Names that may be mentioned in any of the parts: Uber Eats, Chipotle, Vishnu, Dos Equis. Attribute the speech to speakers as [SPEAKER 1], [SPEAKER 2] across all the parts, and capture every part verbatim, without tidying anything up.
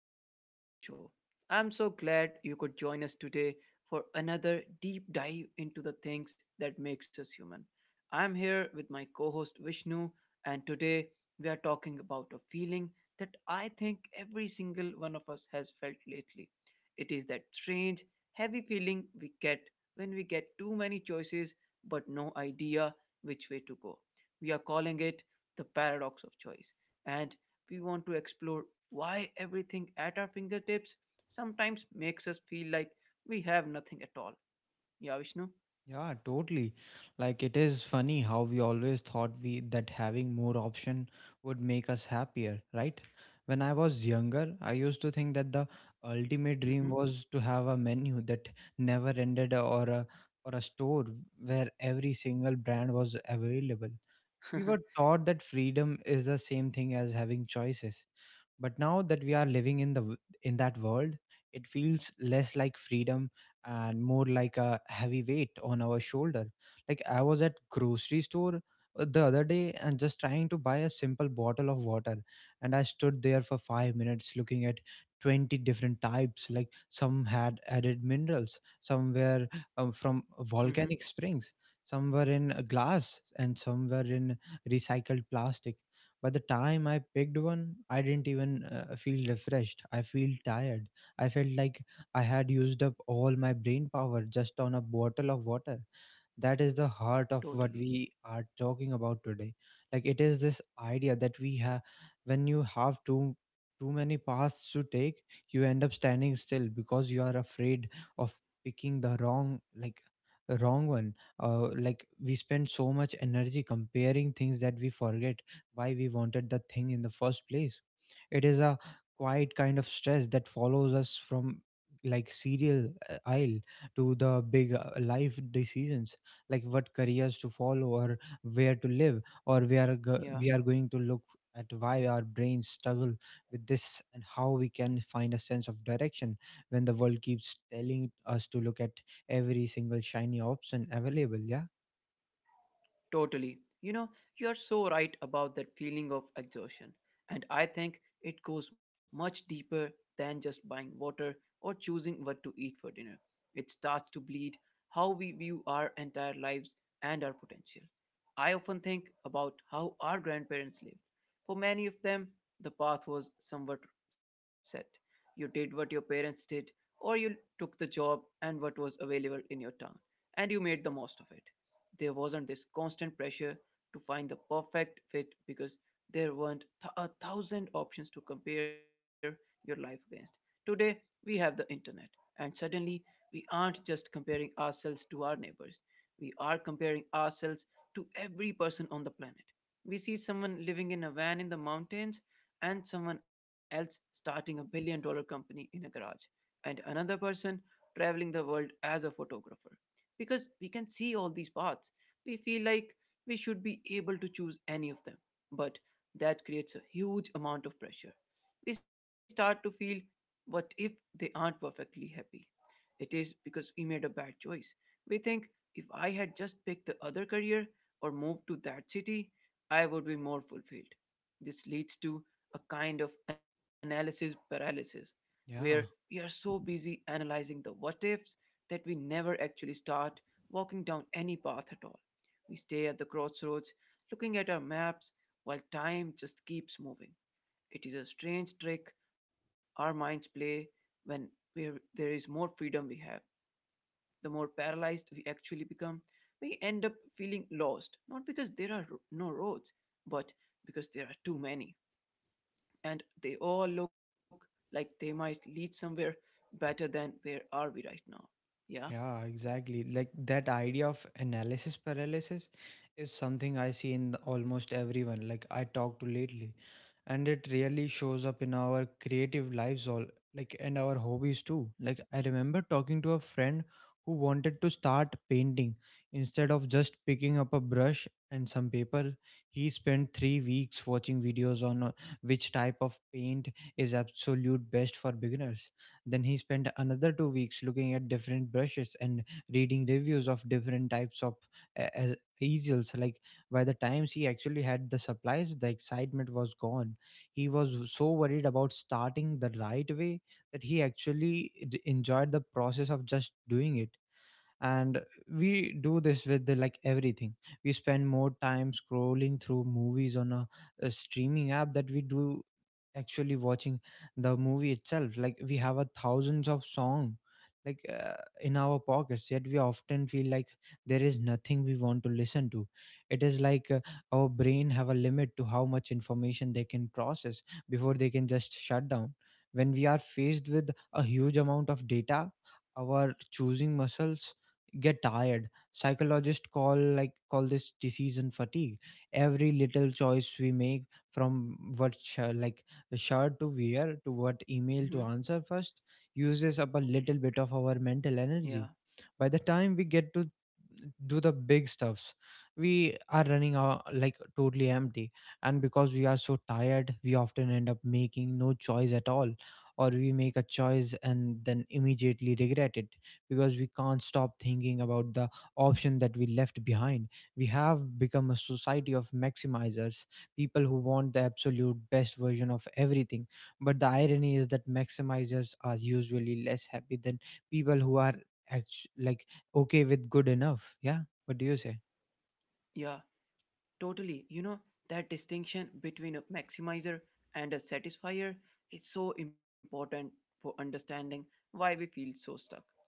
[SPEAKER 1] and welcome back to the show. I'm so glad you could join us today for another deep dive into the things that makes us human. I'm here with my co-host Vishnu, and today we are talking about a feeling that I think every single one of us has felt lately. It is that strange, heavy feeling we get when we get too many choices but no idea which way to go. We are calling it the paradox of choice. And we want to explore why everything at our fingertips sometimes makes us feel like we have nothing at all. Yeah, Vishnu?
[SPEAKER 2] Yeah, totally. Like it is funny how we always thought we that having more option would make us happier, right? When I was younger, I used to think that the ultimate dream
[SPEAKER 1] Mm-hmm.
[SPEAKER 2] was to have a menu that never ended or a or a store where every single brand was available. We were taught that freedom is the same thing as having choices, but now that we are living in the w- in that world, it feels less like freedom and more like a heavy weight on our shoulder. Like, I was at grocery store uh, the other day and just trying to buy a simple bottle of water, and I stood there for five minutes looking at twenty different types. Like, some had added minerals, some were um, from
[SPEAKER 1] Mm-hmm.
[SPEAKER 2] volcanic springs, some were in a glass and some were in recycled plastic. By the time I picked one, I didn't even uh, feel refreshed. I feel tired. I felt like I had used up all my brain power just on a bottle of water. That is the heart of what
[SPEAKER 1] Totally.
[SPEAKER 2] we are talking about today. Like, it is this idea that we have when you have too too many paths to take, you end up standing still because you are afraid of picking the wrong like wrong one. Uh, like, we spend so much energy comparing things that we forget why we wanted the thing in the first place. It is a quiet kind of stress that follows us from, like, cereal uh, aisle to the big uh, life decisions, like what careers to follow or where to live. Or we are go-
[SPEAKER 1] Yeah,
[SPEAKER 2] we are going to look at why our brains struggle with this and how we can find a sense of direction when the world keeps telling us to look at every single shiny option available. Yeah,
[SPEAKER 1] totally. You know, you are so right about that feeling of exhaustion. And I think it goes much deeper than just buying water or choosing what to eat for dinner. It starts to bleed how we view our entire lives and our potential. I often think about how our grandparents lived. For many of them, the path was somewhat set. You did what your parents did, or you took the job and what was available in your town, and you made the most of it. There wasn't this constant pressure to find the perfect fit because there weren't th- a thousand options to compare your life against. Today, we have the internet, and suddenly, we aren't just comparing ourselves to our neighbors, we are comparing ourselves to every person on the planet. We see someone living in a van in the mountains and someone else starting a billion dollar company in a garage, and another person traveling the world as a photographer. Because we can see all these paths, we feel like we should be able to choose any of them. But that creates a huge amount of pressure. We start to feel what if they aren't perfectly happy? It is because we made a bad choice. We think if I had just picked the other career, or moved to that city, I would be more fulfilled. This leads to a kind of analysis paralysis, where we
[SPEAKER 2] yeah.
[SPEAKER 1] are so busy analyzing the what ifs that we never actually start walking down any path at all. We stay at the crossroads, looking at our maps, while time just keeps moving. It is a strange trick our minds play when where there is more freedom we have, the more paralyzed we actually become. We end up feeling lost, not because there are ro- no roads, but because there are too many. And they all look like they might lead somewhere better than where are we right now. Yeah.
[SPEAKER 2] Yeah, exactly. Like, that idea of analysis paralysis is something I see in the- almost everyone, like, I talk to lately. And it really shows up in our creative lives all, like, and our hobbies too. Like, I remember talking to a friend who wanted to start painting instead of just picking up a brush and some paper. He spent three weeks watching videos on uh, which type of paint is absolute best for beginners. Then he spent another two weeks looking at different brushes and reading reviews of different types of uh, uh, easels. Like, by the time he actually had the supplies, the excitement was gone. He was so worried about starting the right way that he actually d- enjoyed the process of just doing it. And we do this with the, like, everything. We spend more time scrolling through movies on a, a streaming app that we do actually watching the movie itself. Like, we have a thousands of song like uh, in our pockets, yet we often feel like there is nothing we want to listen to. It is like uh, our brain have a limit to how much information they can process before they can just shut down. When we are faced with a huge amount of data, our choosing muscles get tired. Psychologists call like call this decision fatigue. Every little choice we make, from what sh- like shirt to wear to what email to
[SPEAKER 1] Mm-hmm.
[SPEAKER 2] answer first, uses up a little bit of our mental energy.
[SPEAKER 1] Yeah.
[SPEAKER 2] By the time we get to do the big stuffs we are running out, like, totally empty. And because we are so tired we often end up making no choice at all, or we make a choice and then immediately regret it because we can't stop thinking about the option that we left behind. We have become a society of maximizers, people who want the absolute best version of everything. But the irony is that maximizers are usually less happy than people who are actu- like okay with good enough. Yeah, what do you say?
[SPEAKER 1] Yeah. Totally. You know, that distinction between a maximizer and a satisfier is so important for understanding why we feel so stuck.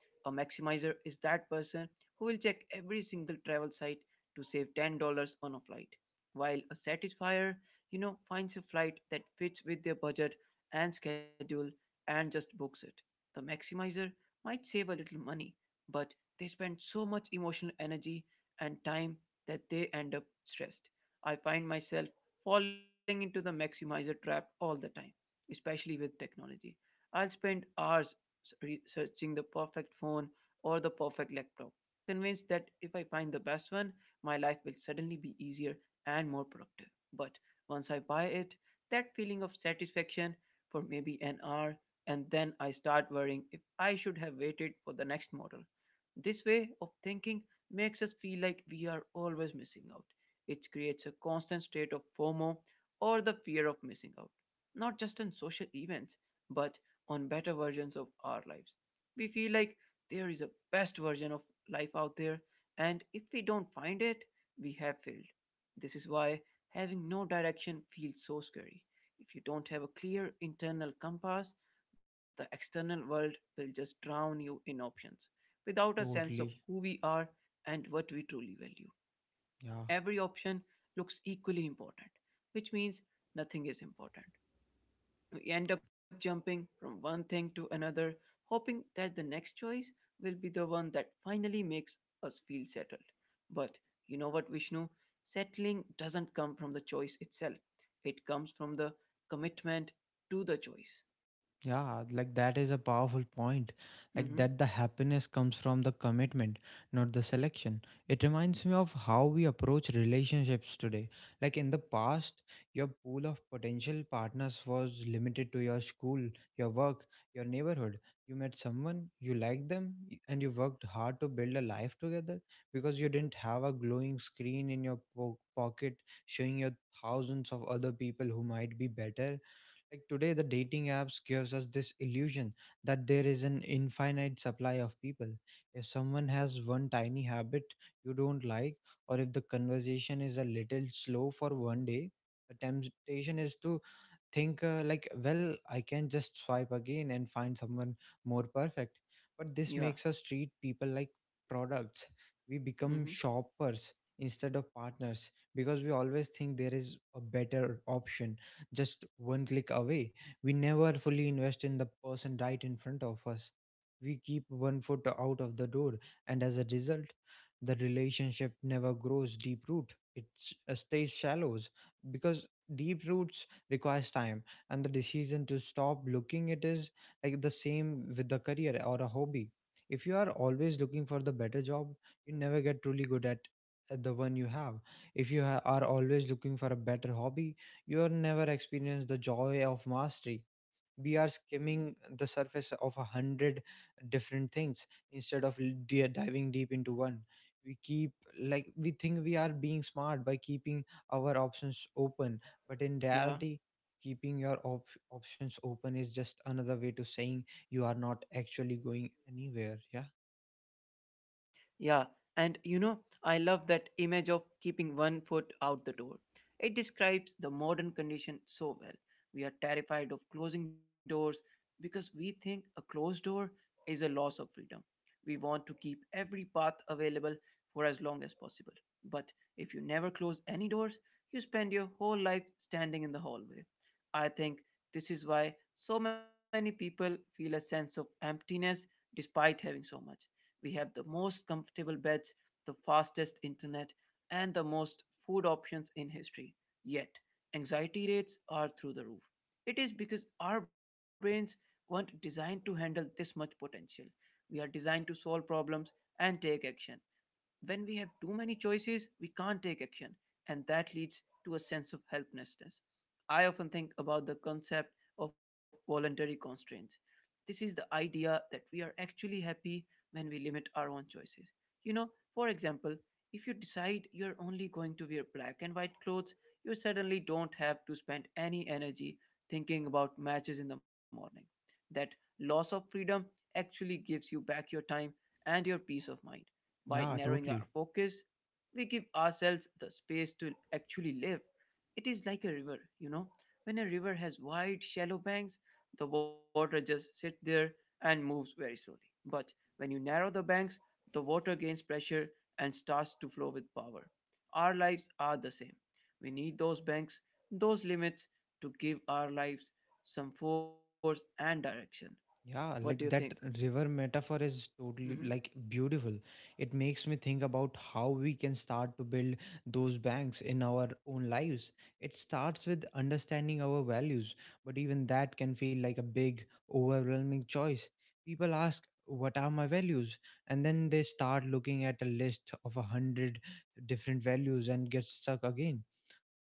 [SPEAKER 1] A maximizer is that person who will check every single travel site to save ten dollars on a flight, while a satisfier, you know, finds a flight that fits with their budget and schedule and just books it. The maximizer might save a little money, but they spend so much emotional energy and time that they end up stressed. I find myself falling into the maximizer trap all the time, especially with technology. I'll spend hours s- researching the perfect phone or the perfect laptop, convinced that if I find the best one, my life will suddenly be easier and more productive. But once I buy it, that feeling of satisfaction for maybe an hour, and then I start worrying if I should have waited for the next model. This way of thinking makes us feel like we are always missing out, which creates a constant state of FOMO or the fear of missing out, not just on social events, but on better versions of our lives. We feel like there is a best version of life out there, and if we don't find it, we have failed. This is why having no direction feels so scary. If you don't have a clear internal compass, the external world will just drown you in options without a sense of
[SPEAKER 2] Totally.
[SPEAKER 1] who we are and what we truly value
[SPEAKER 2] Yeah.
[SPEAKER 1] every option looks equally important, which means nothing is important. We end up jumping from one thing to another, hoping that the next choice will be the one that finally makes us feel settled. But you know what, Vishnu? Settling doesn't come from the choice itself, it comes from the commitment to the choice.
[SPEAKER 2] Yeah, like, that is a powerful point.
[SPEAKER 1] Mm-hmm.
[SPEAKER 2] Like, that the happiness comes from the commitment, not the selection. It reminds me of how we approach relationships today. Like, in the past, your pool of potential partners was limited to your school, your work, your neighborhood. You met someone, you liked them, y- and you worked hard to build a life together because you didn't have a glowing screen in your po- pocket showing your thousands of other people who might be better. Like, today the dating apps gives us this illusion that there is an infinite supply of people. If someone has one tiny habit you don't like, or if the conversation is a little slow for one day, the temptation is to think uh, like, well, I can just swipe again and find someone more perfect. But this makes us
[SPEAKER 1] Yeah.
[SPEAKER 2] treat people like products. We become
[SPEAKER 1] Mm-hmm.
[SPEAKER 2] shoppers instead of partners because we always think there is a better option just one click away. We never fully invest in the person right in front of us. We keep one foot out of the door, and as a result the relationship never grows deep root. It s- uh, stays shallows because deep roots requires time and the decision to stop looking. It is like the same with the career or a hobby. If you are always looking for the better job, you never get truly good at at the one you have. If you ha- are always looking for a better hobby, you will never experience the joy of mastery. We are skimming the surface of a hundred different things instead of l- di- diving deep into one. We keep like We think we are being smart by keeping our options open, but in reality
[SPEAKER 1] Yeah.
[SPEAKER 2] keeping your op- options open is just another way to saying you are not actually going anywhere. Yeah,
[SPEAKER 1] Yeah, and you know, I love that image of keeping one foot out the door. It describes the modern condition so well. We are terrified of closing doors because we think a closed door is a loss of freedom. We want to keep every path available for as long as possible. But if you never close any doors, you spend your whole life standing in the hallway. I think this is why so many people feel a sense of emptiness despite having so much we have the most comfortable beds, the fastest internet, and the most food options in history. Yet, anxiety rates are through the roof. It is because our brains weren't designed to handle this much potential. We are designed to solve problems and take action. When we have too many choices, we can't take action, and that leads to a sense of helplessness. I often think about the concept of voluntary constraints. This is the idea that we are actually happy when we limit our own choices. You know, for example, if you decide you're only going to wear black and white clothes, you suddenly don't have to spend any energy thinking about matches in the morning. That loss of freedom actually gives you back your time and your peace of mind. By
[SPEAKER 2] yeah.
[SPEAKER 1] narrowing our
[SPEAKER 2] Totally.
[SPEAKER 1] focus, we give ourselves the space to actually live. It is like a river, you know. When a river has wide, shallow banks, the water just sits there and moves very slowly. But when you narrow the banks, the water gains pressure and starts to flow with power. Our lives are the same. We need those banks, those limits to give our lives some force and direction. What do you
[SPEAKER 2] Yeah,
[SPEAKER 1] think?
[SPEAKER 2] like, that river metaphor is
[SPEAKER 1] Mm-hmm.
[SPEAKER 2] totally, like, beautiful. It makes me think about how we can start to build those banks in our own lives. It starts with understanding our values, but even that can feel like a big, overwhelming choice. People ask, what are my values? And then they start looking at a list of a hundred different values and get stuck again.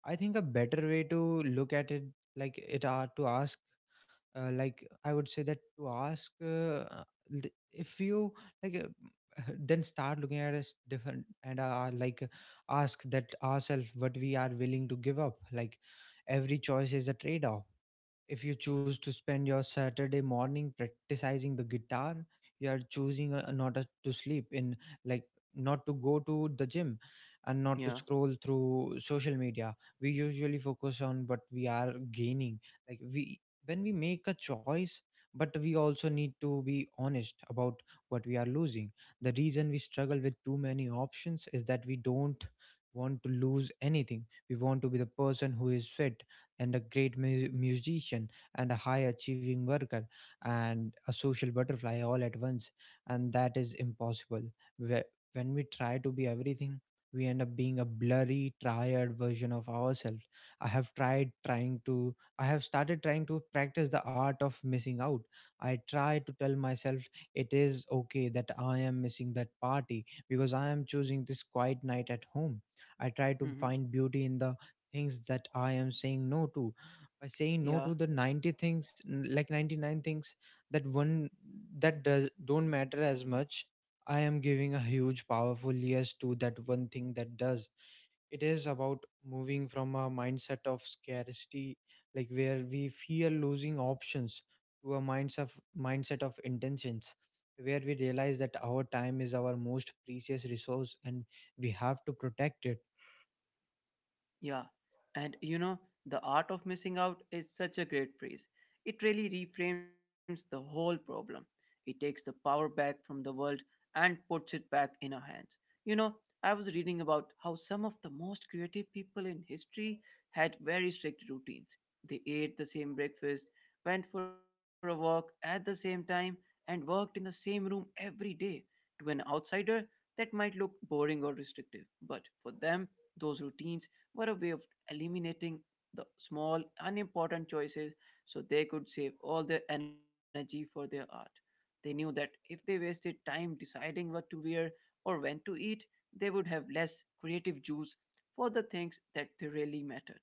[SPEAKER 2] I think a better way to look at it, like, it are to ask, uh, like, I would say that to ask uh, th- if you like uh, then start looking at us different and uh, like uh, like, ask that ourselves what we are willing to give up. Like, every choice is a trade off. If you choose to spend your Saturday morning practicing the guitar, you are choosing uh, not a- to sleep in, like, not to go to the gym and not to
[SPEAKER 1] Yeah.
[SPEAKER 2] scroll through social media. We usually focus on what we are gaining. Like, we, when we make a choice, but we also need to be honest about what we are losing. The reason we struggle with too many options is that we don't want to lose anything. We want to be the person who is fit and a great mu- musician and a high achieving worker and a social butterfly all at once, and that is impossible. Whe- when we try to be everything, we end up being a blurry tired version of ourselves. i have tried trying to I have started trying to practice the art of missing out. I try to tell myself it is okay that I am missing that party because I am choosing this quiet night at home. I try to
[SPEAKER 1] Mm-hmm.
[SPEAKER 2] find beauty in the things that I am saying no to, by saying no to
[SPEAKER 1] Yeah.
[SPEAKER 2] the ninety things, n- like ninety-nine things that one that does don't matter as much. I am giving a huge powerful yes to that one thing that does. It is about moving from a mindset of scarcity, like, where we fear losing options, to a mindset of mindset of intentions, where we realize that our time is our most precious resource and we have to protect it.
[SPEAKER 1] Yeah, and you know, the art of missing out is such a great phrase. It really reframes the whole problem. It takes the power back from the world and puts it back in our hands. You know, I was reading about how some of the most creative people in history had very strict routines. They ate the same breakfast, went for a walk at the same time, and worked in the same room every day. To an outsider, that might look boring or restrictive, but for them, those routines were a way of eliminating the small, unimportant choices so they could save all their energy for their art. They knew that if they wasted time deciding what to wear or when to eat, they would have less creative juice for the things that they really mattered.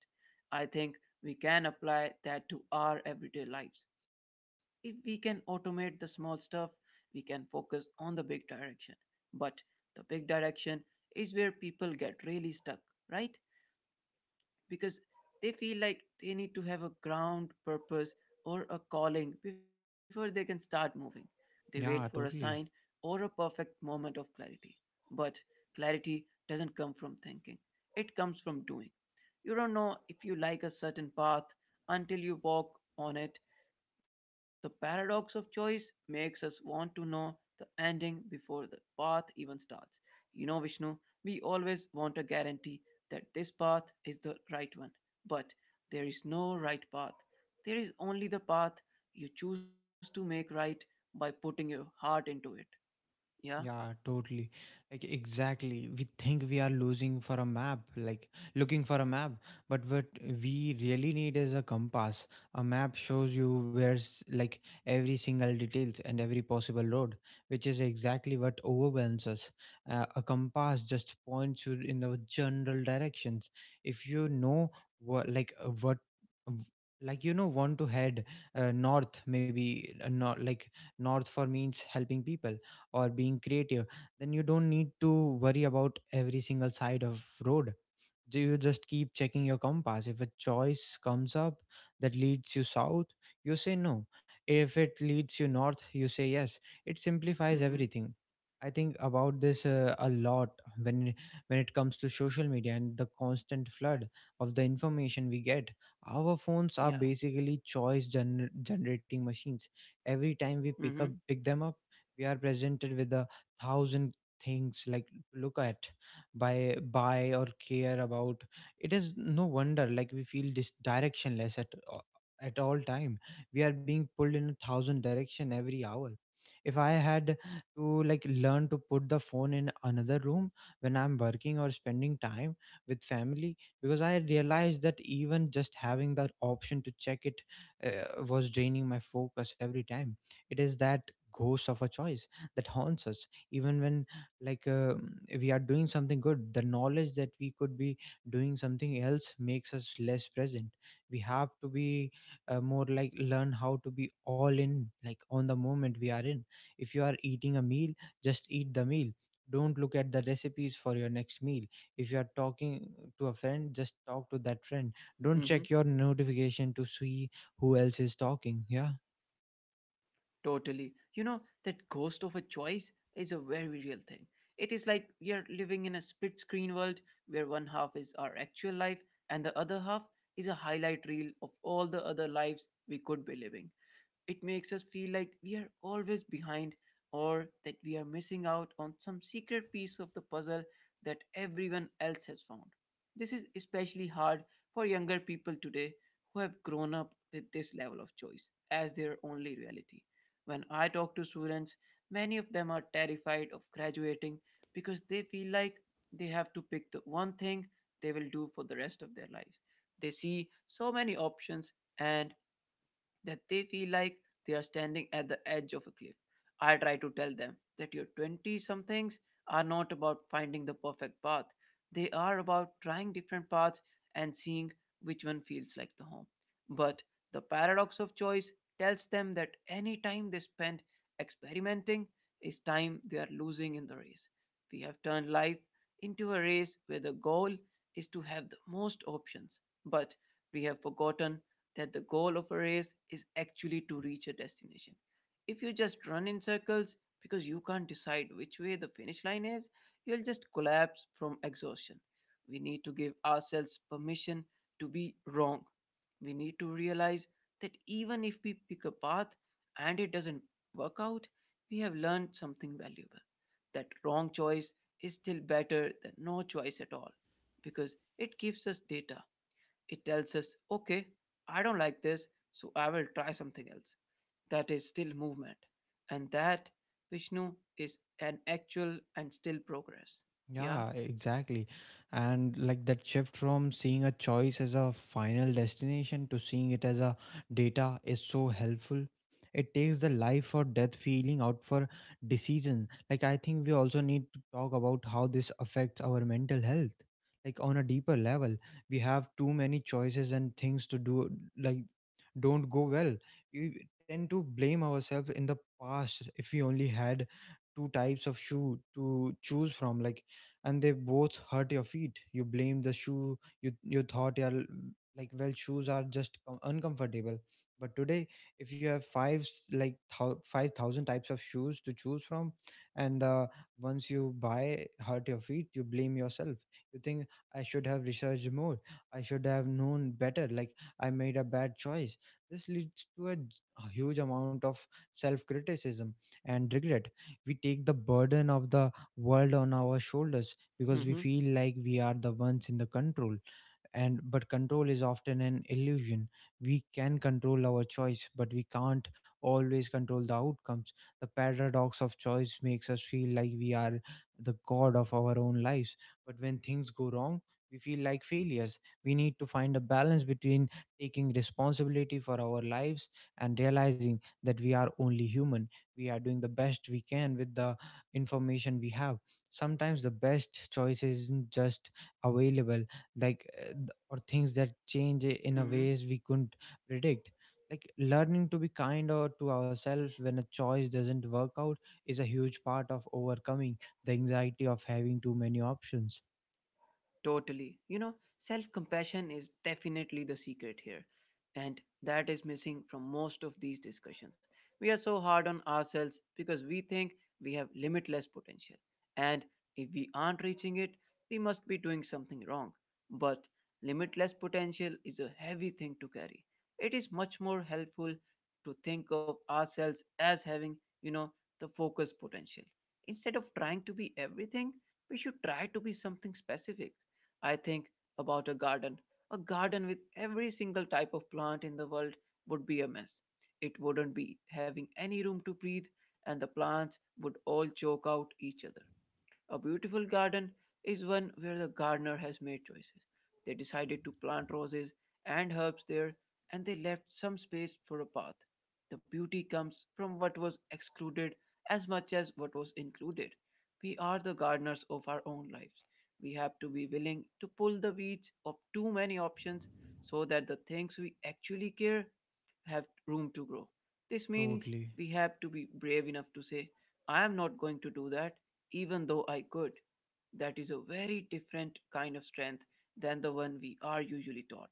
[SPEAKER 1] I think we can apply that to our everyday lives. If we can automate the small stuff, we can focus on the big direction. But the big direction is where people get really stuck, right? Because they feel like they need to have a ground purpose or a calling before they can start moving. They wait for a
[SPEAKER 2] Yeah.
[SPEAKER 1] sign
[SPEAKER 2] Totally.
[SPEAKER 1] or a perfect moment of clarity. But clarity doesn't come from thinking, it comes from doing. You don't know if you like a certain path until you walk on it the paradox of choice makes us want to know the ending before the path even starts. You know, Vishnu, we always want a guarantee that this path is the right one. But there is no right path. There is only the path you choose to make right by putting your heart into it. Yeah?
[SPEAKER 2] Yeah, totally. Like, exactly. We think we are losing for a map, like, looking for a map. But what we really need is a compass. A map shows you where's, like, every single details and every possible road, which is exactly what overwhelms us. Uh, a compass just points you in the general directions. If you know what, like, uh, what, w- like you know want to head uh, north. Maybe uh, not like north for means helping people or being creative, then you don't need to worry about every single side of road. Do you just keep checking your compass. If a choice comes up that leads you south, you say no. If it leads you north, you say yes. It simplifies
[SPEAKER 1] Mm hmm.
[SPEAKER 2] everything. I think about this uh, a lot when when it comes to social media and the constant flood of the information we get. Our phones are
[SPEAKER 1] Yeah.
[SPEAKER 2] basically choice gener- generating machines. Every
[SPEAKER 1] Mm
[SPEAKER 2] time
[SPEAKER 1] hmm.
[SPEAKER 2] we pick up pick them up, we are presented with a thousand things like to look at, by buy, or care about. It is no wonder like we feel dis- directionless at a- at all time. We are being pulled in a thousand direction every hour. If I had to like learn to put the phone in another room when I'm working or spending time with family, because I realized that even just having that option to check it uh, was draining my focus every time. It is that ghost of a choice that haunts us even when like um we are doing something good, the knowledge that we could be doing something else makes us less present. We have to be uh, more like learn how to be all in like on the moment we are in. If you are eating a meal, just eat the meal. Don't look at the recipes for your next meal. If you are talking to a friend, just talk to that friend. Don't
[SPEAKER 1] Mm hmm.
[SPEAKER 2] check your notification to see who else is talking. Yeah.
[SPEAKER 1] Totally. You know, that ghost of a choice is a very real thing. It is like we are living in a split screen world where one half is our actual life and the other half is a highlight reel of all the other lives we could be living. It makes us feel like we are always behind or that we are missing out on some secret piece of the puzzle that everyone else has found. This is especially hard for younger people today who have grown up with this level of choice as their only reality. When I talk to students, many of them are terrified of graduating because they feel like they have to pick the one thing they will do for the rest of their lives. They see so many options and that they feel like they are standing at the edge of a cliff. I try to tell them that your twenty somethings are not about finding the perfect path, they are about trying different paths and seeing which one feels like the home. But the paradox of choice tells them that any time they spend experimenting is time they are losing in the race. We have turned life into a race where the goal is to have the most options, but we have forgotten that the goal of a race is actually to reach a destination. If you just run in circles because you can't decide which way the finish line is, you'll just collapse from exhaustion. We need to give ourselves permission to be wrong. We need to realize that even if we pick a path and it doesn't work out, we have learned something valuable. That wrong choice is still better than no choice at all because it gives us data, it tells us, okay, I don't like this, so I will try something else. That is still movement. And that, Vishnu, is an actual and still progress. Yeah?
[SPEAKER 2] Yeah, exactly. And like that shift from seeing a choice as a final destination to seeing it as a data is so helpful. It takes the life or death feeling out for decision. Like I think we also need to talk about how this affects our mental health. Like on a deeper level, we have too many choices and things to do like don't go well. We tend to blame ourselves in the past. If we only had two types of shoe to choose from, like and they both hurt your feet, you blame the shoe. You you thought, yeah, like well shoes are just com- uncomfortable. But today, if you have five s- like thou- five thousand types of shoes to choose from, and uh, once you buy hurt your feet, you blame yourself. You think, I should have researched more, I should have known better. Like I made a bad choice. This leads to a j- a huge amount of self criticism and regret. We take the burden of the world on our shoulders because we
[SPEAKER 1] Mm-hmm.
[SPEAKER 2] feel like we are the ones in the control. And but control is often an illusion. We can control our choice, but we can't always control the outcomes. The paradox of choice makes us feel like we are the god of our own lives, but when things go wrong, we feel like failures. We need to find a balance between taking responsibility for our lives and realizing that we are only human. We are doing the best we can with the information we have. Sometimes the best choice isn't just available, like uh, th- or things that change in a ways
[SPEAKER 1] hmm
[SPEAKER 2] we couldn't predict. Like learning to be kinder to ourselves when a choice doesn't work out is a huge part of overcoming the anxiety of having too many options.
[SPEAKER 1] Totally. You know, self compassion is definitely the secret here. And that is missing from most of these discussions. We are so hard on ourselves because we think we have limitless potential. And if we aren't reaching it, we must be doing something wrong. But limitless potential is a heavy thing to carry. It is much more helpful to think of ourselves as having, you know, the focus potential. Instead of trying to be everything, we should try to be something specific. I think about a garden. A garden with every single type of plant in the world would be a mess. It wouldn't be having any room to breathe, and the plants would all choke out each other. A beautiful garden is one where the gardener has made choices. They decided to plant roses and herbs there, and they left some space for a path. The beauty comes from what was excluded as much as what was included. We are the gardeners of our own lives. We have to be willing to pull the weeds of too many options so that the things we actually care have room to grow. This means
[SPEAKER 2] Totally.
[SPEAKER 1] we have to be brave enough to say, I am not going to do that, even though I could. That is a very different kind of strength than the one we are usually taught.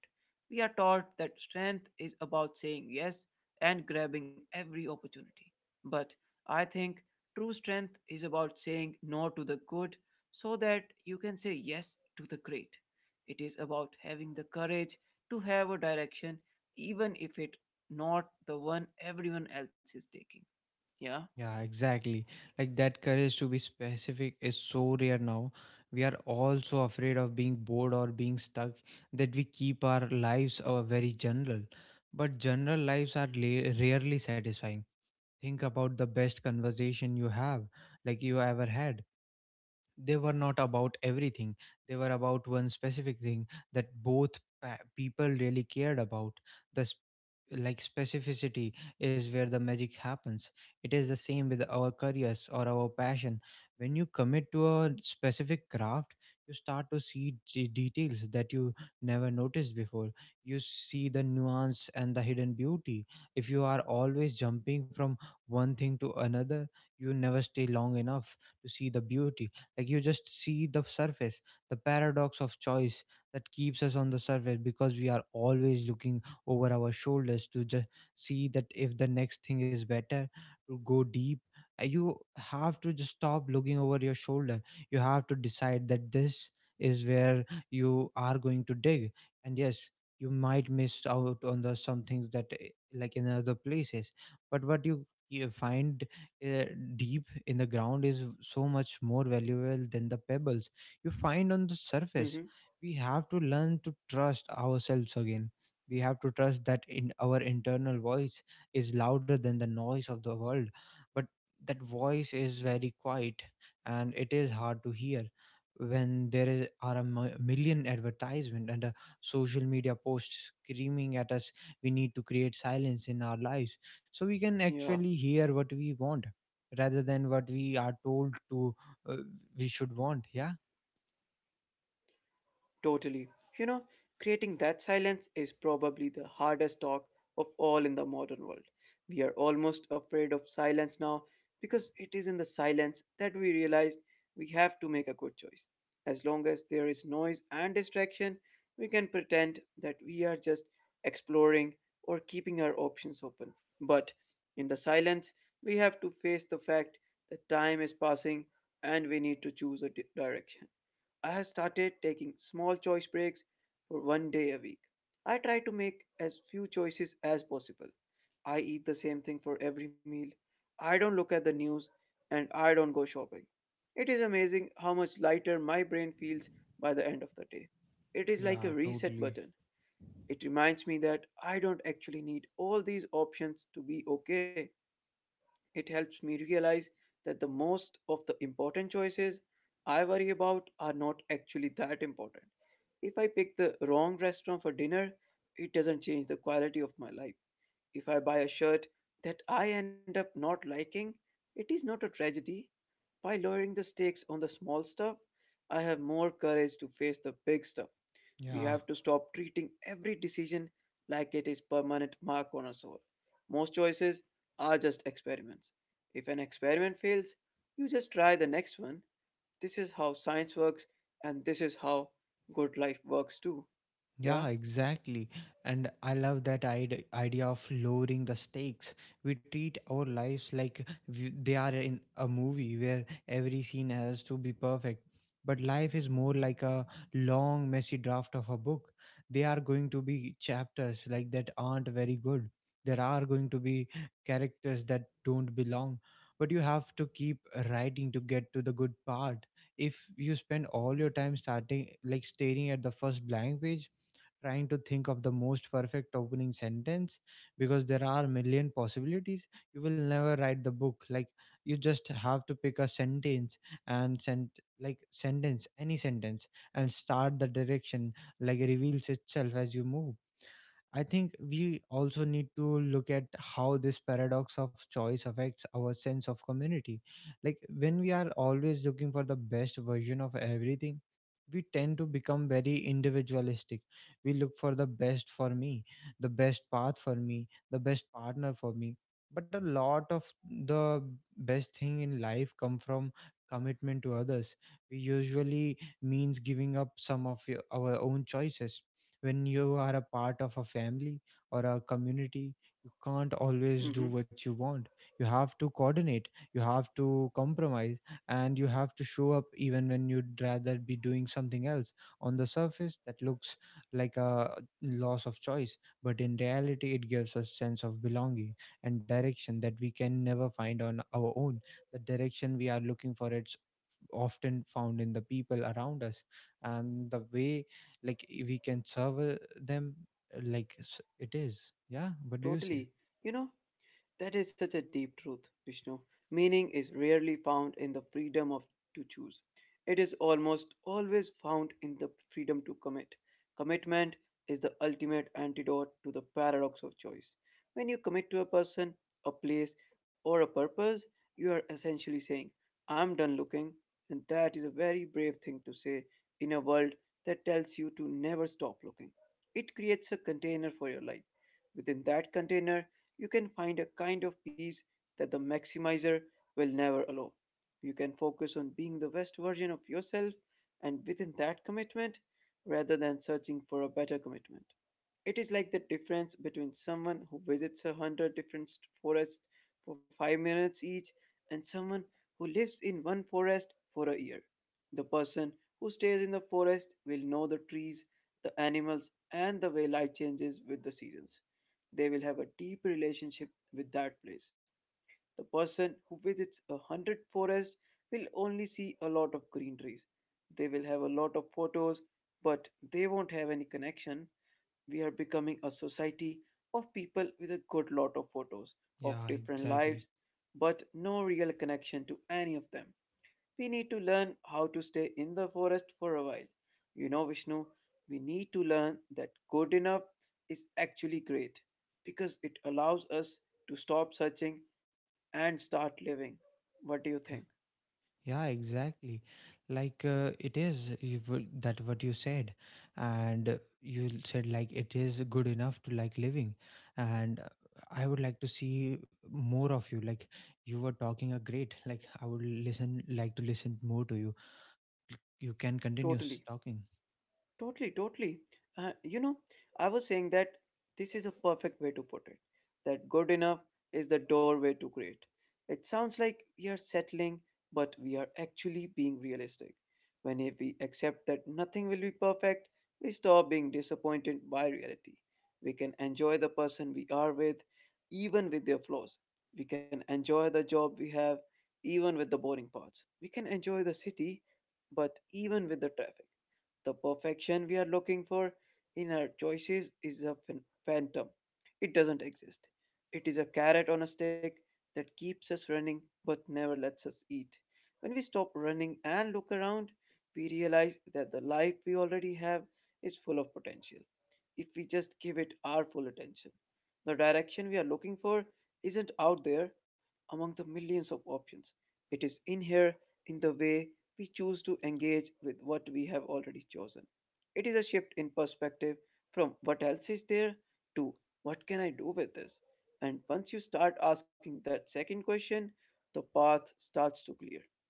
[SPEAKER 1] We are taught that strength is about saying yes and grabbing every opportunity. But I think true strength is about saying no to the good so that you can say yes to the great. It is about having the courage to have a direction even if it not the one everyone else is taking. Yeah.
[SPEAKER 2] Yeah, exactly. Like that courage to be specific is so rare now. We are all so afraid of being bored or being stuck that we keep our lives uh, very general. But general lives are la- rarely satisfying. Think about the best conversation you have, like you ever had. They were not about everything. They were about one specific thing that both pa- people really cared about. The sp- like specificity is where the magic happens. It is the same with our careers or our passion. When you commit to a specific craft, you start to see de- details that you never noticed before. You see the nuance and the hidden beauty. If you are always jumping from one thing to another, you never stay long enough to see the beauty. Like you just see the surface. The paradox of choice that keeps us on the surface because we are always looking over our shoulders to just see that if the next thing is better. To go deep, Uh, you have to just stop looking over your shoulder. You have to decide that this is where you are going to dig. And yes, you might miss out on the some things that eh, like in other places, but what you, you find uh, deep in the ground is so much more valuable than the pebbles you find on the surface.
[SPEAKER 1] Mm-hmm.
[SPEAKER 2] We have to learn to trust ourselves again. We have to trust that in our internal voice is louder than the noise of the world. But that voice is very quiet and it is hard to hear when there is, are a mi- million advertisement and a social media posts screaming at us. We need to create silence in our lives so we can
[SPEAKER 1] Yeah.
[SPEAKER 2] actually hear what we want rather than what we are told to uh, we should want. Yeah.
[SPEAKER 1] Totally. You know, creating that silence is probably the hardest talk of all in the modern world. We are almost afraid of silence now because it is in the silence that we realize we have to make a good choice. As long as there is noise and distraction, we can pretend that we are just exploring or keeping our options open. But in the silence, we have to face the fact that time is passing and we need to choose a di- direction. I have started taking small choice breaks for one day a week. I try to make as few choices as possible. I eat the same thing for every meal. I don't look at the news and I don't go shopping. It is amazing how much lighter my brain feels by the end of the day. It is like a
[SPEAKER 2] Yeah,
[SPEAKER 1] reset
[SPEAKER 2] totally.
[SPEAKER 1] button. It reminds me that I don't actually need all these options to be okay. It helps me realize that the most of the important choices I worry about are not actually that important. If I pick the wrong restaurant for dinner, it doesn't change the quality of my life. If I buy a shirt that I end up not liking, it is not a tragedy. By lowering the stakes on the small stuff, I have more courage to face the big stuff. We
[SPEAKER 2] Yeah.
[SPEAKER 1] have to stop treating every decision like it is permanent mark on our soul. Most choices are just experiments. If an experiment fails, you just try the next one. This is how science works and this is how good life works too. Yeah?
[SPEAKER 2] Yeah, exactly. And I love that ide- idea of lowering the stakes. We treat our lives like we- they are in a movie where every scene has to be perfect. But life is more like a long, messy draft of a book. There are going to be chapters like that aren't very good. There are going to be characters that don't belong. But you have to keep writing to get to the good part. If you spend all your time starting, like staring at the first blank page, trying to think of the most perfect opening sentence, because there are a million possibilities, you will never write the book. Like you just have to pick a sentence and send, like sentence, any sentence, and start the direction like reveals itself as you move. I think we also need to look at how this paradox of choice affects our sense of community. Like when we are always looking for the best version of everything, we tend to become very individualistic. We look for the best for me, the best path for me, the best partner for me. But a lot of the best thing in life come from commitment to others. We usually means giving up some of your- our own choices. When you are a part of a family or a community, you can't always do
[SPEAKER 1] Mhm.
[SPEAKER 2] what you want. You have to coordinate, you have to compromise, and you have to show up even when you'd rather be doing something else. On the surface that looks like a loss of choice, but in reality it gives us sense of belonging and direction that we can never find on our own. The direction we are looking for it's often found in the people around us and the way like we can serve uh, them. Uh, like s- it is, yeah, what do you say.
[SPEAKER 1] Totally. You know, that is such a deep truth, Vishnu. Meaning is rarely found in the freedom of to choose. It is almost always found in the freedom to commit. Commitment is the ultimate antidote to the paradox of choice. When you commit to a person, a place, or a purpose, you are essentially saying, I'm done looking, and that is a very brave thing to say in a world that tells you to never stop looking. It creates a container for your life. Within that container, you can find a kind of peace that the maximizer will never allow. You can focus on being the best version of yourself and within that commitment rather than searching for a better commitment. It is like the difference between someone who visits a hundred different forests for five minutes each and someone who lives in one forest for a year. The person who stays in the forest will know the trees, the animals, and the way light changes with the seasons. They will have a deep relationship with that place. The person who visits a hundred forest will only see a lot of green trees. They will have a lot of photos, but they won't have any connection. We are becoming a society of people with a good lot of photos of
[SPEAKER 2] Yeah,
[SPEAKER 1] different
[SPEAKER 2] exactly.
[SPEAKER 1] lives, but no real connection to any of them. We need to learn how to stay in the forest for a while. You know, Vishnu, we need to learn that good enough is actually great because it allows us to stop searching and start living. What do you think?
[SPEAKER 2] Yeah. Yeah, exactly. Like uh, it is you, w- that what you said. And uh, you l- said like it is good enough to like living. And uh, I would like to see more of you. Like you were talking a great. Like I would listen like to listen more to you. You can continue
[SPEAKER 1] Totally.
[SPEAKER 2] s- talking.
[SPEAKER 1] Totally, totally. Uh, you know, I was saying that this is a perfect way to put it. That good enough is the doorway to great. It sounds like we are settling, but we are actually being realistic. When if we accept that nothing will be perfect, we stop being disappointed by reality. We can enjoy the person we are with, even with their flaws. We can enjoy the job we have, even with the boring parts. We can enjoy the city, but even with the traffic. The perfection we are looking for in our choices is a phan- phantom. It doesn't exist. It is a carrot on a stick that keeps us running but never lets us eat. When we stop running and look around, we realize that the life we already have is full of potential if we just give it our full attention. The direction we are looking for isn't out there among the millions of options, it is in here in the way we choose to engage with what we have already chosen. It is a shift in perspective from what else is there to what can I do with this. And once you start asking that second question, the path starts to clear.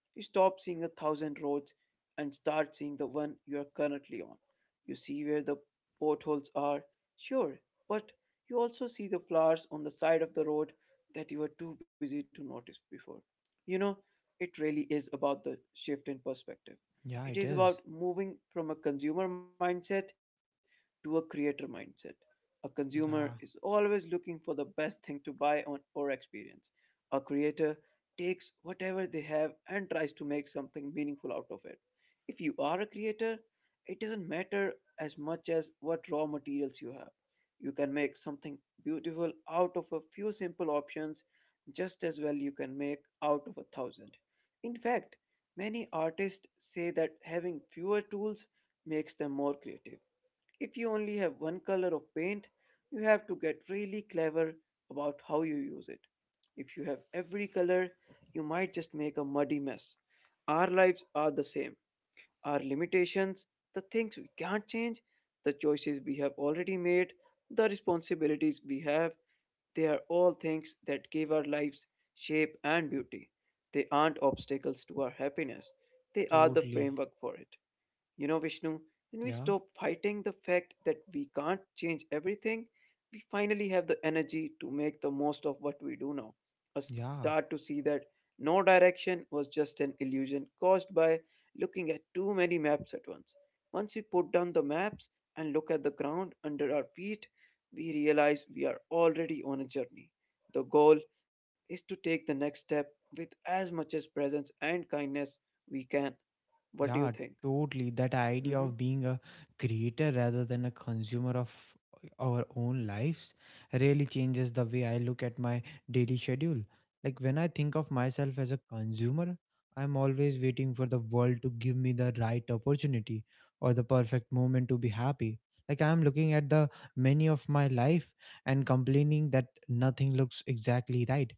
[SPEAKER 1] You stop seeing a thousand roads and start seeing the one you are currently on. You see where the potholes are, sure, but you also see the flowers on the side of the road that you were too busy to notice before. You know, it really is about the shift in perspective.
[SPEAKER 2] Yeah,
[SPEAKER 1] It
[SPEAKER 2] it
[SPEAKER 1] is
[SPEAKER 2] is.
[SPEAKER 1] about moving from a consumer mindset to a creator mindset. A
[SPEAKER 2] Yeah,
[SPEAKER 1] consumer is always looking for the best thing to buy on or experience. A creator takes whatever they have and tries to make something meaningful out of it. If you are a creator, it doesn't matter as much as what raw materials you have. You can make something beautiful out of a few simple options just as well you can make out of a thousand. In fact, many artists say that having fewer tools makes them more creative. If you only have one color of paint, you have to get really clever about how you use it. If you have every color, you might just make a muddy mess. Our lives are the same. Our limitations, the things we can't change, the choices we have already made, the responsibilities we have. They are all things that give our lives shape and beauty. They aren't obstacles to our happiness, they are the
[SPEAKER 2] totally.
[SPEAKER 1] framework for it. You know, Vishnu, when we
[SPEAKER 2] Yeah,
[SPEAKER 1] stop fighting the fact that we can't change everything, we finally have the energy to make the most of what we do now. A
[SPEAKER 2] yeah,
[SPEAKER 1] start to see that no direction was just an illusion caused by looking at too many maps at once. Once we put down the maps and look at the ground under our feet, we realize we are already on a journey. The goal is to take the next step with as much as presence and kindness we can. What do you
[SPEAKER 2] yeah,
[SPEAKER 1] think?
[SPEAKER 2] totally. That idea
[SPEAKER 1] Mhm.
[SPEAKER 2] of being a creator rather than a consumer of our own lives really changes the way I look at my daily schedule. Like when I think of myself as a consumer, I'm always waiting for the world to give me the right opportunity or the perfect moment to be happy. Like I'm looking at the many of my life and complaining that nothing looks exactly right.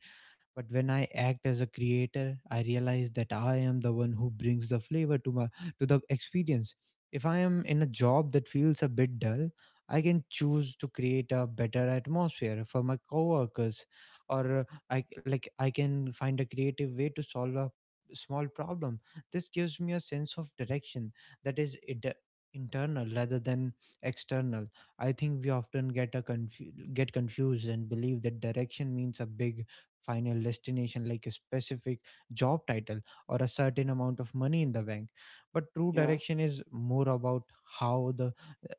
[SPEAKER 2] But when I act as a creator, I realize that I am the one who brings the flavor to my to the experience. If I am in a job that feels a bit dull, I can choose to create a better atmosphere for my coworkers, or uh, I like I can find a creative way to solve a small problem. This gives me a sense of direction that is inter- internal rather than external. I think we often get a confu- get confused and believe that direction means a big final destination like a specific job title or a certain amount of money in the bank. But true
[SPEAKER 1] Yeah.
[SPEAKER 2] direction is more about how the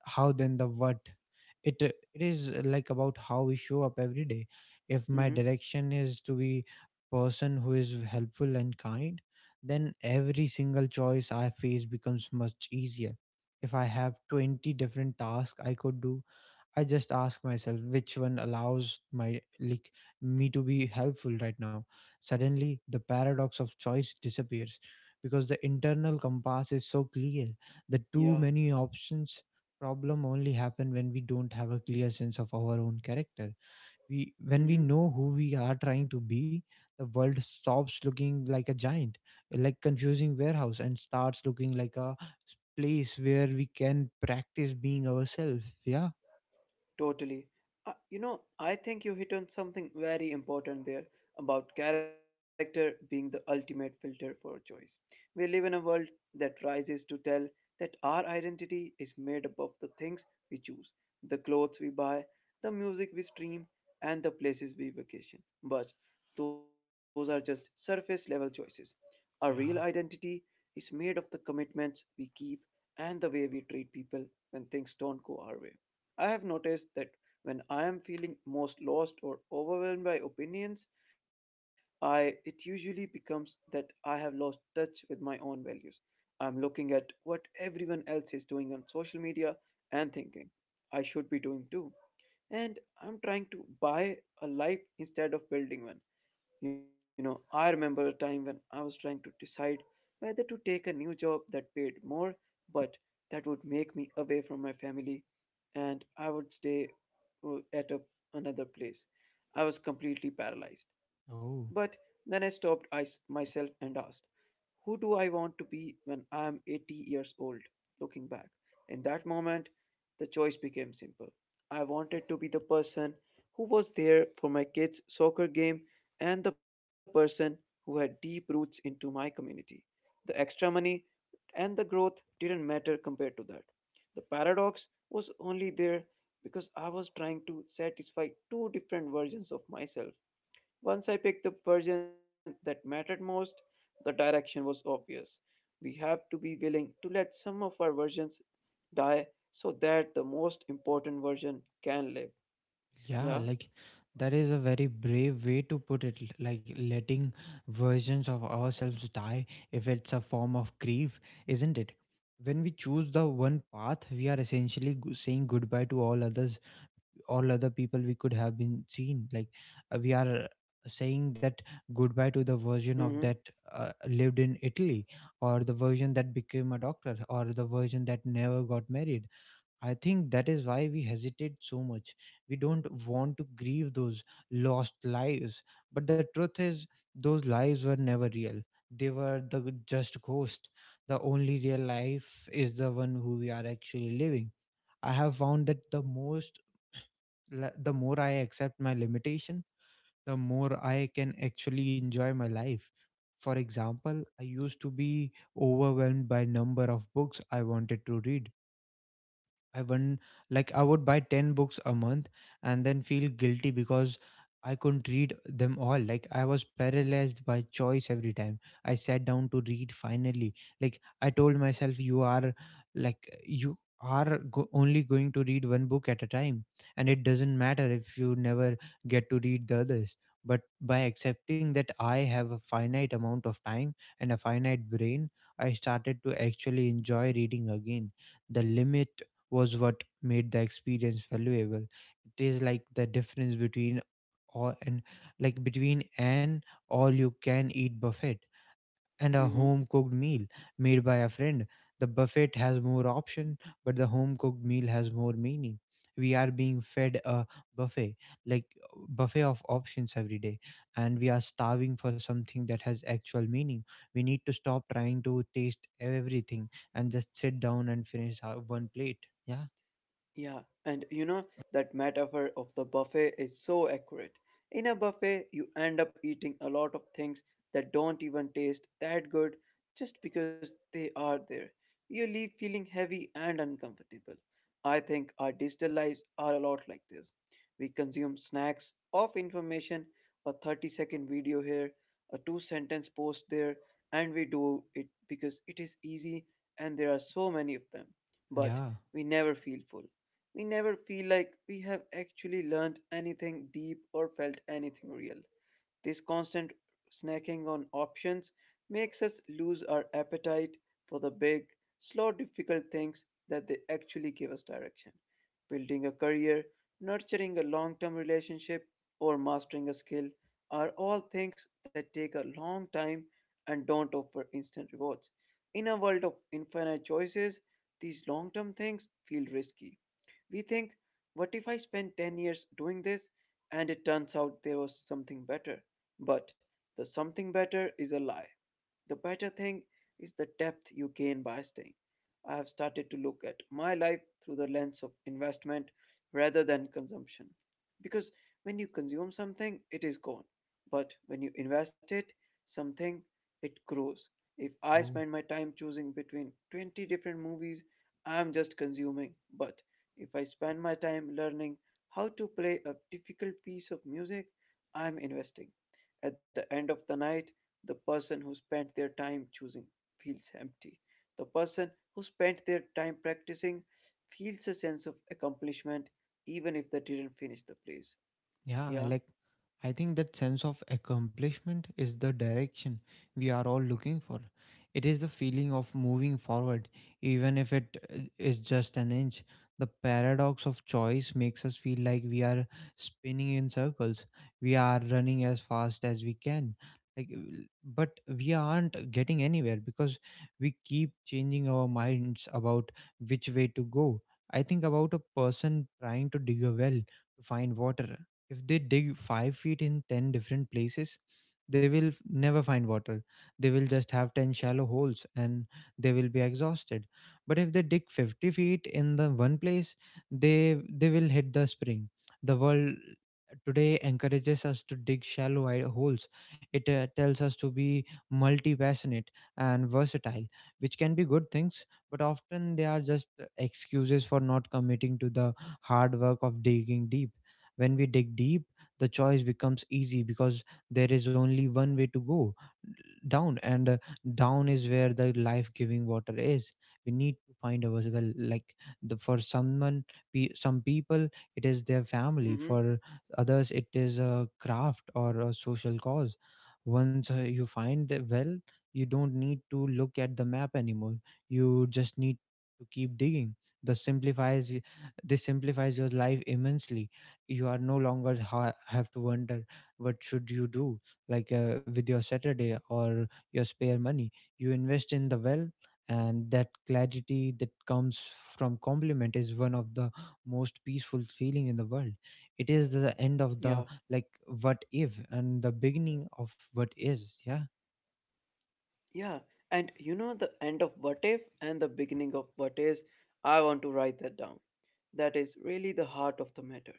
[SPEAKER 2] how than the what. It uh, it is uh, like about how we show up every day. If my
[SPEAKER 1] Mhm.
[SPEAKER 2] direction is to be person who is helpful and kind, then every single choice I face becomes much easier. If I have twenty different tasks I could do, I just ask myself which one allows my like me to be helpful right now. Suddenly the paradox of choice disappears because the internal compass is so clear. The too
[SPEAKER 1] Yeah.
[SPEAKER 2] many options problem only happen when we don't have a clear sense of our own character. We when we
[SPEAKER 1] Mhm.
[SPEAKER 2] know who we are trying to be, the world stops looking like a giant, like confusing warehouse, and starts looking like a place where we can practice being ourselves. Yeah.
[SPEAKER 1] Totally. Uh, you know, I think you hit on something very important there about character being the ultimate filter for choice. We live in a world that rises to tell that our identity is made up of the things we choose, the clothes we buy, the music we stream, and the places we vacation. But those are just surface level choices. Our real
[SPEAKER 2] Yeah,
[SPEAKER 1] identity is made of the commitments we keep and the way we treat people when things don't go our way. I have noticed that when I am feeling most lost or overwhelmed by opinions, I it usually becomes that I have lost touch with my own values. I'm looking at what everyone else is doing on social media and thinking I should be doing too. And I'm trying to buy a life instead of building one. You know, I remember a time when I was trying to decide whether to take a new job that paid more but that would make me away from my family and I would stay uh, at a, another place. I was completely paralyzed. But
[SPEAKER 2] Oh,
[SPEAKER 1] then I stopped I, myself and asked, who do I want to be when I'm eighty years old? Looking back, in that moment, the choice became simple. I wanted to be the person who was there for my kids' soccer game and the person who had deep roots into my community. The extra money and the growth didn't matter compared to that. The paradox was only there because I was trying to satisfy two different versions of myself. Once I picked the version that mattered most, the direction was obvious. We have to be willing to let some of our versions die so that the most important version can live.
[SPEAKER 2] yeah,
[SPEAKER 1] Yeah?
[SPEAKER 2] like that is a very brave way to put it. l- Like letting versions of ourselves die if it's a form of grief, isn't it? When we choose the one path, we are essentially go- saying goodbye to all others, all other people we could have been seen. Like uh, we are saying that goodbye to the version of that
[SPEAKER 1] Mm
[SPEAKER 2] uh, lived in Italy, or the version that became a doctor, or the version that never got married. I think that is why we hesitate so much. We don't want to grieve those lost lives. But the truth is, those lives were never real. They were the g- just ghost. The only real life is the one who we are actually living. I have found that the most, la- the more I accept my limitation, the more I can actually enjoy my life. For example, I used to be overwhelmed by number of books I wanted to read. I wouldn't like I would buy ten books a month and then feel guilty because I couldn't read them all. Like I was paralyzed by choice every time I sat down to read finally. Like I told myself you are like you are go- only going to read one book at a time and it doesn't matter if you never get to read the others. But by accepting that I have a finite amount of time and a finite brain, I started to actually enjoy reading again. The limit was what made the experience valuable. It is like the difference between all and like between an all you can eat buffet and
[SPEAKER 1] hmm.
[SPEAKER 2] a
[SPEAKER 1] Mm hmm.
[SPEAKER 2] home cooked meal made by a friend. The buffet has more option, but the home cooked meal has more meaning. We are being fed a buffet, like buffet of options every day, and we are starving for something that has actual meaning. We need to stop trying to taste everything and just sit down and finish our one plate. Yeah.
[SPEAKER 1] Yeah, and you know, that metaphor of the buffet is so accurate. In a buffet, you end up eating a lot of things that don't even taste that good just because they are there. You leave feeling heavy and uncomfortable. I think our digital lives are a lot like this. We consume snacks of information, a thirty second video here, a two sentence post there, and we do it because it is easy and there are so many of them. But
[SPEAKER 2] Yeah.
[SPEAKER 1] we never feel full. We never feel like we have actually learned anything deep or felt anything real. This constant snacking on options makes us lose our appetite for the big, slow, difficult things that they actually give us direction. Building a career, nurturing a long term relationship, or mastering a skill are all things that take a long time and don't offer instant rewards. In a world of infinite choices, these long term things feel risky. We think, what if I spend ten years doing this and it turns out there was something better? But the something better is a lie. The better thing is the depth you gain by staying. I have started to look at my life through the lens of investment rather than consumption. Because when you consume something, it is gone. But when you invest it, something, it grows. If I
[SPEAKER 2] Oh,
[SPEAKER 1] spend my time choosing between twenty different movies, I am just consuming. But if I spend my time learning how to play a difficult piece of music, I am investing. At the end of the night, the person who spent their time choosing feels empty. The person who spent their time practicing feels a sense of accomplishment even if they didn't finish the plays.
[SPEAKER 2] Yeah, I
[SPEAKER 1] Yeah.
[SPEAKER 2] like I think that sense of accomplishment is the direction we are all looking for. It is the feeling of moving forward, even if it uh, is just an inch. The paradox of choice makes us feel like we are spinning in circles. We are running as fast as we can, like, uh, but we aren't getting anywhere because we keep changing our minds about which way to go. I think about a person trying to dig a well to find water. If they dig five feet in ten different places, they will f- never find water. They will just have ten shallow holes and they will be exhausted. But if they dig fifty feet in the one place, they they will hit the spring. The world today encourages us to dig shallow i- holes. It uh, tells us to be multi passionate and versatile, which can be good things, but often they are just uh, excuses for not committing to the hard work of digging deep. When we dig deep, the choice becomes easy because there is only one way to go: down, and uh, down is where the life giving water is. We need to find ours well. Like the, for someone, pe- some people, it is their family,
[SPEAKER 1] Mm-hmm.
[SPEAKER 2] for others, it is a craft or a social cause. Once uh, you find the well, you don't need to look at the map anymore. You just need to keep digging. This simplifies y- this simplifies your life immensely. You are no longer ha- have to wonder what should you do, like uh, with your saturday or your spare money. You invest in the well, and that clarity that comes from compliment is one of the most peaceful feeling in the world. It is the end of
[SPEAKER 1] Yeah.
[SPEAKER 2] the like what if and the beginning of what is. Yeah.
[SPEAKER 1] Yeah. And you know the end of what if and the beginning of what is, I want to write that down. That is really the heart of the matter.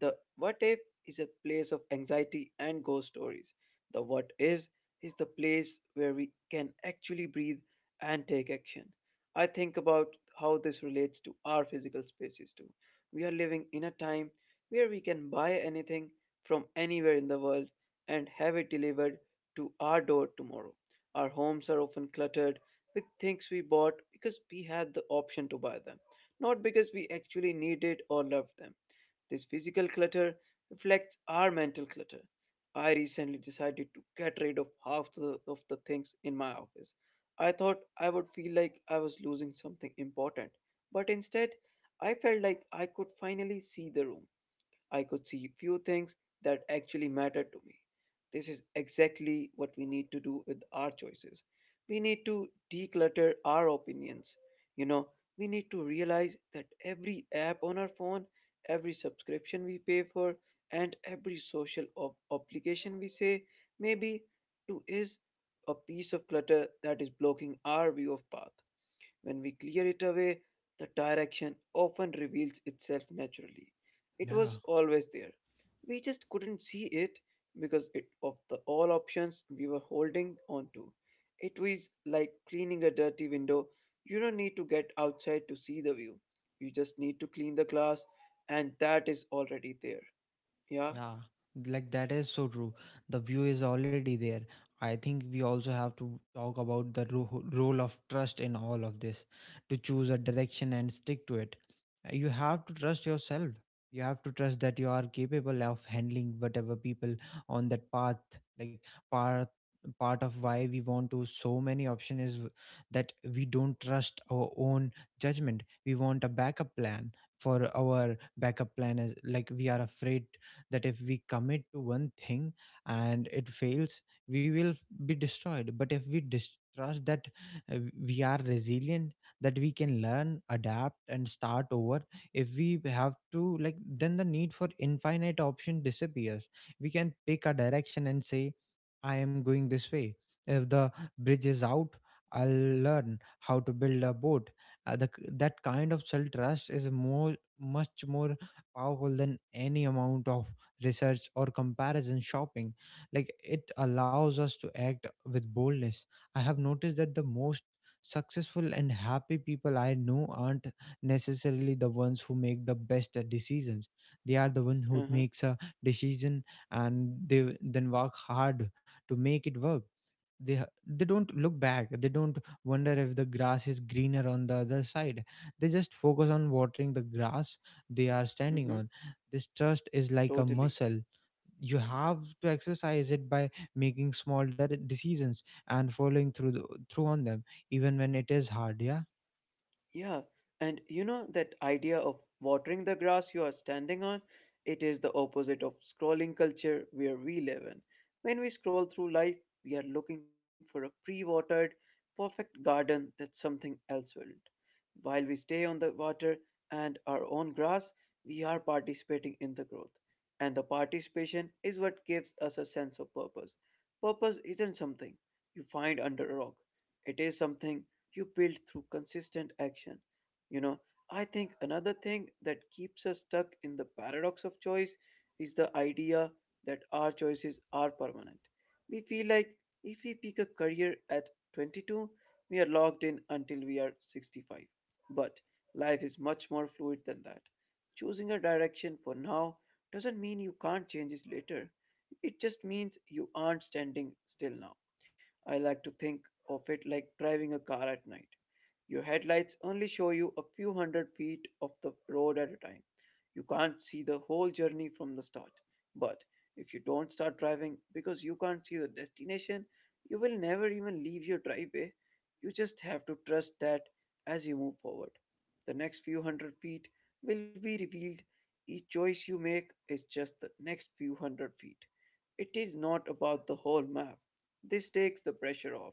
[SPEAKER 1] The what if is a place of anxiety and ghost stories. The what is is the place where we can actually breathe and take action. I think about how this relates to our physical spaces too. We are living in a time where we can buy anything from anywhere in the world and have it delivered to our door tomorrow. Our homes are often cluttered with things we bought because we had the option to buy them not because we actually needed or loved them. This physical clutter reflects our mental clutter. I recently decided to get rid of half the, of the things in my office. I thought I would feel like I was losing something important, but instead, I felt like I could finally see the room. I could see few things that actually mattered to me. This is exactly what we need to do with our choices. We need to declutter our opinions. You know, we need to realize that every app on our phone, every subscription we pay for, and every social ob- obligation we say maybe to is a piece of clutter that is blocking our view of path. When we clear it away, the direction often reveals itself naturally. It
[SPEAKER 2] Yeah.
[SPEAKER 1] was always there. We just couldn't see it because it, of the all options we were holding on to. It was like cleaning a dirty window. You don't need to get outside to see the view. You just need to clean the glass, and that is already there. Yeah?
[SPEAKER 2] Yeah, like that is so true. The view is already there. I think we also have to talk about the ro- role of trust in all of this to choose a direction and stick to it. Uh, You have to trust yourself. You have to trust that you are capable of handling whatever people on that path. Like part part of why we want to so many option is w- that we don't trust our own judgment. We want a backup plan for our backup plan. Is like we are afraid that if we commit to one thing and it fails we will be destroyed. But if we dis- trust that uh, we are resilient, that we can learn adapt and start over if we have to, like then the need for infinite option disappears. We can pick a direction and say, I am going this way. If the bridge is out, I'll learn how to build a boat. Uh, the, k- that kind of self trust is more much more powerful than any amount of research or comparison shopping. Like it allows us to act with boldness. I have noticed that the most successful and happy people I know aren't necessarily the ones who make the best uh, decisions. They are the one who
[SPEAKER 1] Uh huh.
[SPEAKER 2] makes a decision and they then work hard to make it work. They ha- they don't look back, they don't wonder if the grass is greener on the other side. They just focus on watering the grass they are
[SPEAKER 1] Mm
[SPEAKER 2] standing
[SPEAKER 1] hmm.
[SPEAKER 2] on. This trust is like a
[SPEAKER 1] Totally.
[SPEAKER 2] muscle. You have to exercise it by making small de- decisions and following through the, through on them even when it is hard. Yeah.
[SPEAKER 1] Yeah, and you know that idea of watering the grass you are standing on? It is the opposite of scrolling culture where we live in. When we scroll through life, we are looking for a pre watered, perfect garden that something else will. While we stay on the water and our own grass, we are participating in the growth. And the participation is what gives us a sense of purpose. Purpose isn't something you find under a rock, it is something you build through consistent action. You know, I think another thing that keeps us stuck in the paradox of choice is the idea that our choices are permanent. We feel like if we pick a career at twenty-two, we are locked in until we are sixty-five. But life is much more fluid than that. Choosing a direction for now doesn't mean you can't change it later. It just means you aren't standing still now. I like to think of it like driving a car at night. Your headlights only show you a few hundred feet of the road at a time. You can't see the whole journey from the start. But if you don't start driving because you can't see the destination, you will never even leave your driveway. You just have to trust that as you move forward, the next few hundred feet will be revealed. Each choice you make is just the next few hundred feet. It is not about the whole map. This takes the pressure off.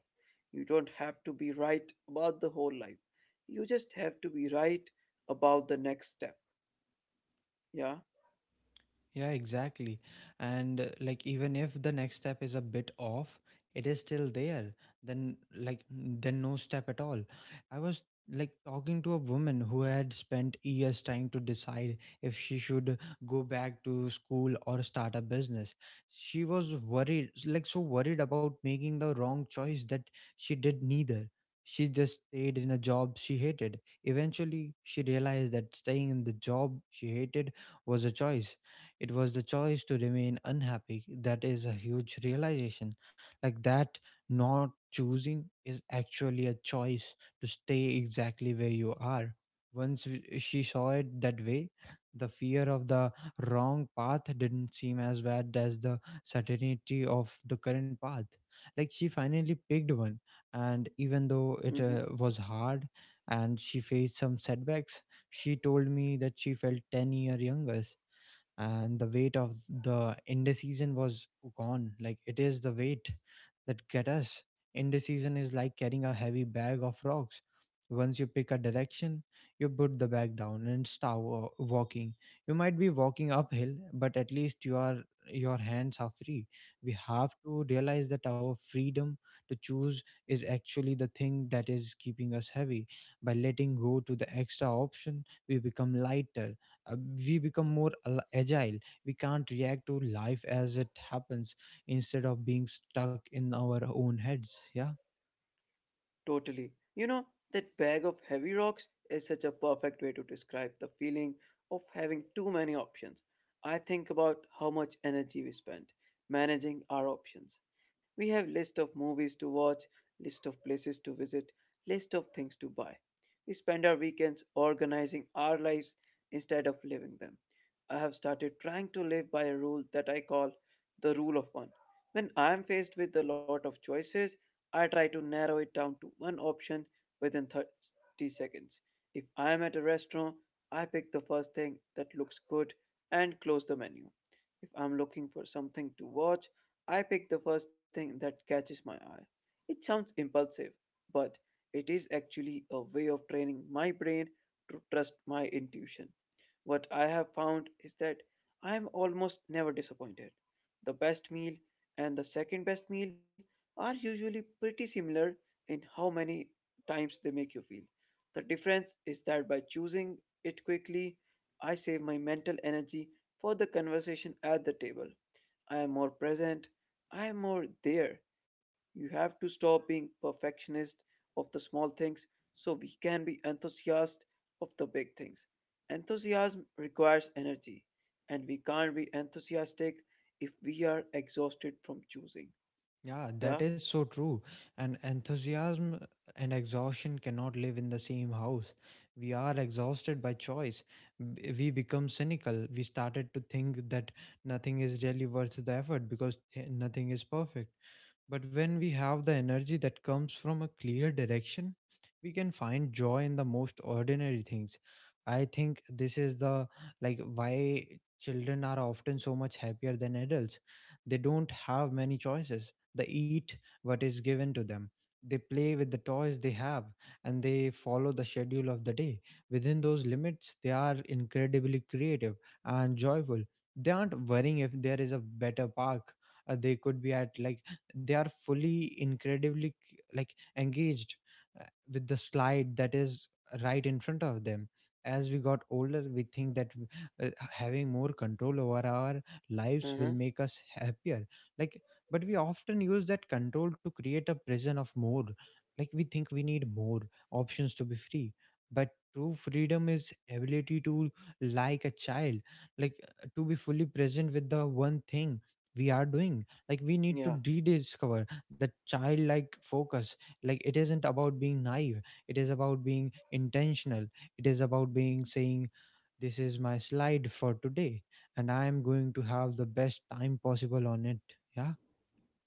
[SPEAKER 1] You don't have to be right about the whole life. You just have to be right about the next step. Yeah.
[SPEAKER 2] Yeah, exactly. And uh, like, even if the next step is a bit off, it is still there. Then, like, n- then no step at all. I was like talking to a woman who had spent years trying to decide if she should go back to school or start a business. She was worried, like, so worried about making the wrong choice that she did neither. She just stayed in a job she hated. Eventually, she realized that staying in the job she hated was a choice. It was the choice to remain unhappy. That is a huge realization. Like that, not choosing is actually a choice to stay exactly where you are. Once w- she saw it that way, the fear of the wrong path didn't seem as bad as the certainty of the current path. Like she finally picked one, and even though it
[SPEAKER 1] Hmm.
[SPEAKER 2] uh, was hard and she faced some setbacks, she told me that she felt ten year younger and the weight of the indecision was gone. Like it is the weight that get us. Indecision is like carrying a heavy bag of rocks. Once you pick a direction you put the bag down and start wa- walking. You might be walking uphill but at least you are your hands are free. We have to realize that our freedom to choose is actually the thing that is keeping us heavy. By letting go to the extra option we become lighter. Uh, we become more al- agile. We can't react to life as it happens instead of being stuck in our own heads. Yeah.
[SPEAKER 1] Totally. You know, that bag of heavy rocks is such a perfect way to describe the feeling of having too many options. I think about how much energy we spend managing our options. We have list of movies to watch, list of places to visit, list of things to buy. We spend our weekends organizing our lives instead of living them. I have started trying to live by a rule that I call the rule of one. When I am faced with a lot of choices, I try to narrow it down to one option within thirty seconds. If I am at a restaurant, I pick the first thing that looks good and close the menu. If I'm looking for something to watch, I pick the first thing that catches my eye. It sounds impulsive, but it is actually a way of training my brain to trust my intuition. What I have found is that I am almost never disappointed. The best meal and the second best meal are usually pretty similar in how many times they make you feel. The difference is that by choosing it quickly, I save my mental energy for the conversation at the table. I am more present, I am more there. You have to stop being perfectionist of the small things so we can be enthusiast of the big things. Enthusiasm requires energy, and we can't be enthusiastic if we are exhausted from choosing. Yeah?
[SPEAKER 2] Yeah, that is so true. And enthusiasm and exhaustion cannot live in the same house. We are exhausted by choice. B- we become cynical. We started to think that nothing is really worth the effort because th- nothing is perfect. But when we have the energy that comes from a clear direction, we can find joy in the most ordinary things. I think this is the like why children are often so much happier than adults. They don't have many choices. They eat what is given to them. They play with the toys they have and they follow the schedule of the day. Within those limits, they are incredibly creative and joyful. They aren't worrying if there is a better park. Uh, they could be at like They are fully incredibly c- like engaged uh, with the slide that is right in front of them. As we got older we think that w- uh, having more control over our lives will
[SPEAKER 1] Uh-huh.
[SPEAKER 2] make us happier, like but we often use that control to create a prison of more. Like we think we need more options to be free, but true freedom is ability to, like a child, like uh, to be fully present with the one thing we are doing. Like we need to
[SPEAKER 1] Yeah,
[SPEAKER 2] rediscover the childlike focus. Like it isn't about being naive, it is about being intentional. It is about being saying, this is my slide for today and I am going to have the best time possible on it. Yeah.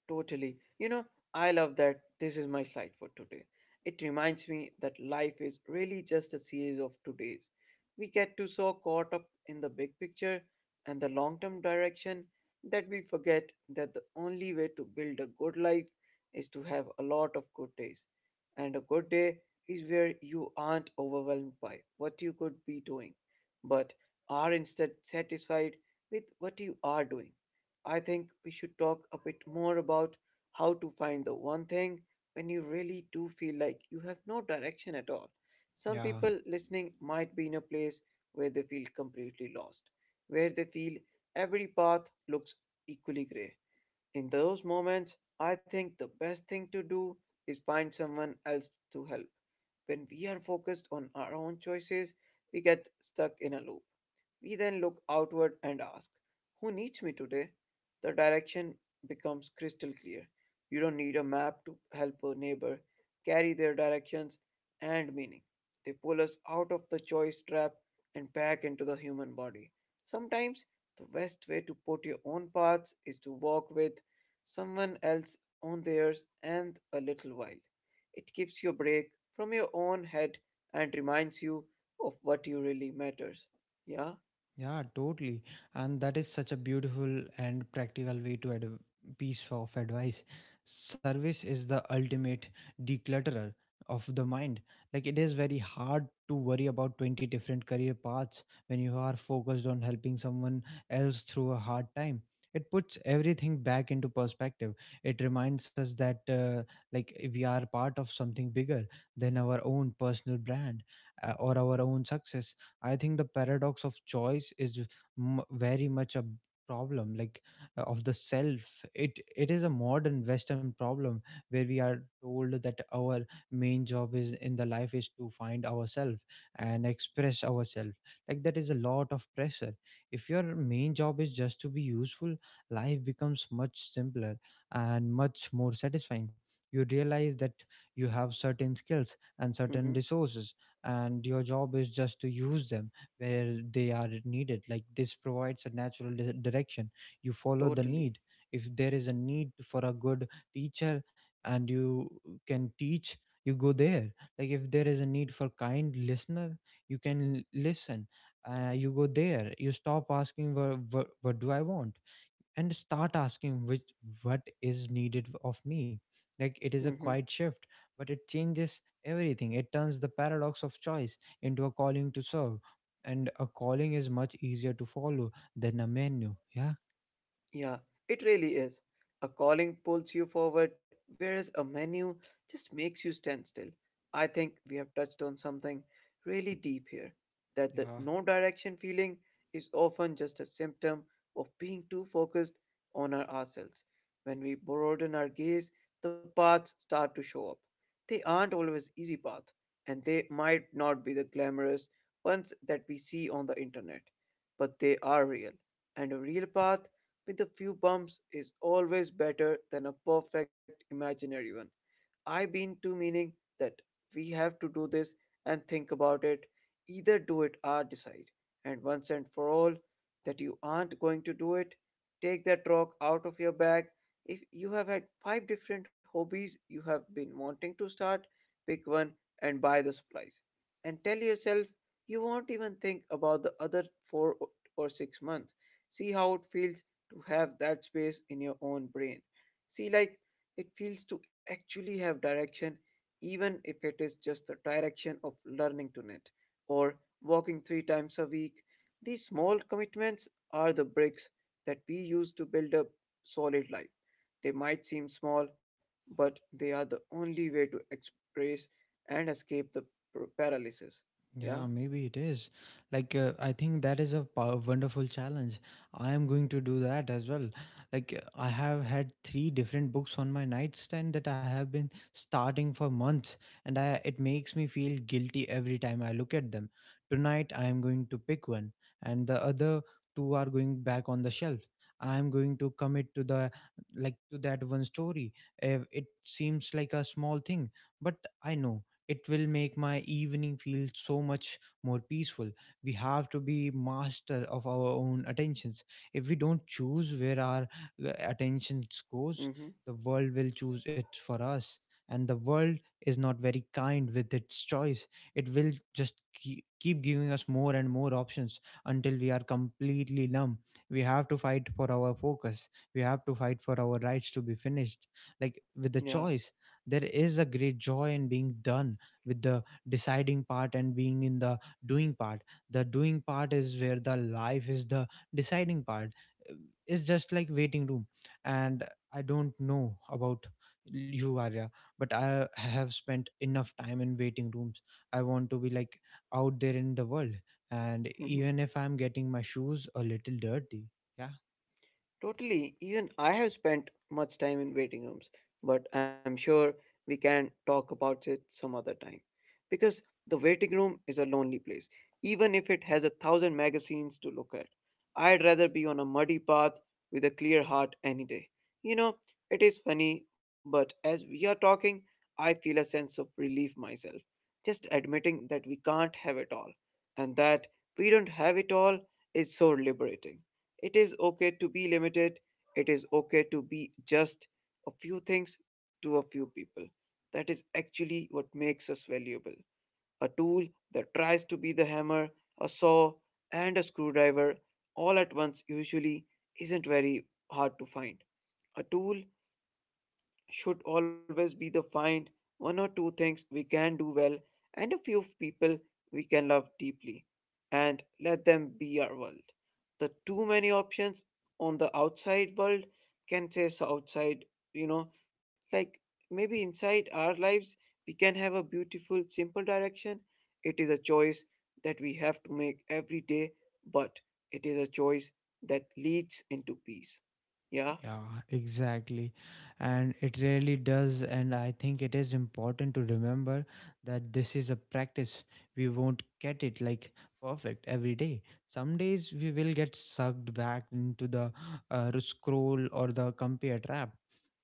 [SPEAKER 1] totally. You know, I love that this is my slide for today. It reminds me that life is really just a series of todays. We get too so caught up in the big picture and the long term direction that we forget that the only way to build a good life is to have a lot of good days. And a good day is where you aren't overwhelmed by what you could be doing, but are instead satisfied with what you are doing. I think we should talk a bit more about how to find the one thing when you really do feel like you have no direction at all. Some
[SPEAKER 2] Yeah.
[SPEAKER 1] people listening might be in a place where they feel completely lost, where they feel every path looks equally gray. In those moments, I think the best thing to do is find someone else to help. When we are focused on our own choices, we get stuck in a loop. We then look outward and ask, who needs me today? The direction becomes crystal clear. You don't need a map to help a neighbor carry their directions and meaning. They pull us out of the choice trap and back into the human body. Sometimes the best way to put your own paths is to walk with someone else on theirs and a little while. It gives you a break from your own head and reminds you of what you really matters. Yeah.
[SPEAKER 2] Yeah, totally. And that is such a beautiful and practical way to add a piece of advice. Service is the ultimate declutterer of the mind. Like it is very hard to worry about twenty different career paths when you are focused on helping someone else through a hard time. It puts everything back into perspective. It reminds us that uh, like we are part of something bigger than our own personal brand uh, or our own success. I think the paradox of choice is m- very much a problem, like uh, of the self. It it is a modern western problem where we are told that our main job is in the life is to find ourselves and express ourselves. Like that is a lot of pressure. If your main job is just to be useful, life becomes much simpler and much more satisfying. You realize that you have certain skills and certain
[SPEAKER 1] Mm-hmm.
[SPEAKER 2] resources, and your job is just to use them where they are needed. Like this provides a natural di- direction. You follow the
[SPEAKER 1] Totally.
[SPEAKER 2] need. If there is a need for a good teacher and you can teach, you go there. Like if there is a need for kind listener, you can l- listen. Uh, you go there. You stop asking what, what, what do I want and start asking which, what is needed of me. Like it is a
[SPEAKER 1] Mm-hmm.
[SPEAKER 2] quiet shift, but it changes everything. It turns the paradox of choice into a calling to serve, and a calling is much easier to follow than a menu. Yeah.
[SPEAKER 1] Yeah, it really is. A calling pulls you forward, whereas a menu just makes you stand still. I think we have touched on something really deep here, that the
[SPEAKER 2] Yeah,
[SPEAKER 1] no direction feeling is often just a symptom of being too focused on our ourselves. When we broaden our gaze, the paths start to show up. They aren't always easy paths, and they might not be the glamorous ones that we see on the internet, but they are real. And a real path with a few bumps is always better than a perfect imaginary one. I've been to meaning that we have to do this and think about it, either do it or decide. And once and for all, that you aren't going to do it, take that rock out of your bag. If you have had five different hobbies you have been wanting to start, pick one and buy the supplies. And tell yourself you won't even think about the other four o- or six months. See how it feels to have that space in your own brain. See, like, it feels to actually have direction, even if it is just the direction of learning to knit or walking three times a week. These small commitments are the bricks that we use to build a solid life. They might seem small, but they are the only way to express and escape the p- paralysis.
[SPEAKER 2] Yeah,
[SPEAKER 1] Yeah?
[SPEAKER 2] maybe it is. Like, uh, I think that is a pow- wonderful challenge. I am going to do that as well. Like, uh, I have had three different books on my nightstand that I have been starting for months, and I, it makes me feel guilty every time I look at them. Tonight, I am going to pick one, and the other two are going back on the shelf. I am going to commit to the, like, to that one story. Uh, It seems like a small thing, but I know it will make my evening feel so much more peaceful. We have to be master of our own attentions. If we don't choose where our uh, attentions goes,
[SPEAKER 1] Mm-hmm.
[SPEAKER 2] the world will choose it for us, and the world is not very kind with its choice. It will just keep, keep giving us more and more options until we are completely numb. We have to fight for our focus. We have to fight for our rights to be finished like with the
[SPEAKER 1] Yeah.
[SPEAKER 2] choice. There is a great joy in being done with the deciding part and being in the doing part. The doing part is where the life is. The deciding part, Uh, it's just like waiting room. And I don't know about you, Arya, but I have spent enough time in waiting rooms. I want to be like out there in the world, and even if I'm getting my shoes a little dirty. Yeah.
[SPEAKER 1] Totally. Even I have spent much time in waiting rooms, but I'm sure we can talk about it some other time. Because the waiting room is a lonely place, even if it has a thousand magazines to look at. I'd rather be on a muddy path with a clear heart any day. You know, it is funny, but as we are talking, I feel a sense of relief myself. Just admitting that we can't have it all and that we don't have it all is so liberating. It is okay to be limited. It is okay to be just a few things to a few people. That is actually what makes us valuable. A tool that tries to be the hammer, a saw, and a screwdriver all at once usually isn't very hard to find. A tool should always be the find one or two things we can do well and a few people we can love deeply, and let them be our world. The too many options on the outside world can say so outside, you know, like maybe inside our lives we can have a beautiful, simple direction. It is a choice that we have to make every day, but it is a choice that leads into peace. Yeah.
[SPEAKER 2] Yeah, exactly. And it really does. And I think it is important to remember that this is a practice. We won't get it like perfect every day. Some days we will get sucked back into the uh, scroll or the compare trap.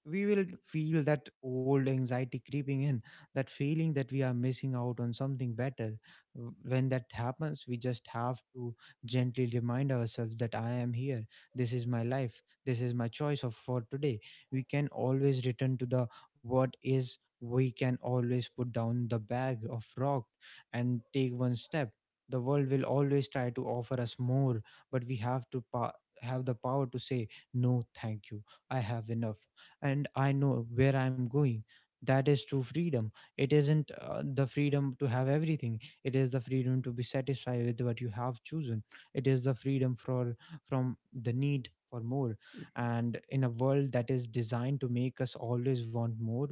[SPEAKER 2] We will feel that old anxiety creeping in, that feeling that we are missing out on something better. W- when that happens, we just have to gently remind ourselves that I am here. This is my life. This is my choice of for today. We can always return to the what is. We can always put down the bag of rock and take one step. The world will always try to offer us more, but we have to pa- have the power to say no, thank you. I have enough, and I know where I'm going. That is true freedom. It isn't uh, the freedom to have everything. It is the freedom to be satisfied with what you have chosen. It is the freedom for from the need for more. And in a world that is designed to make us always want more,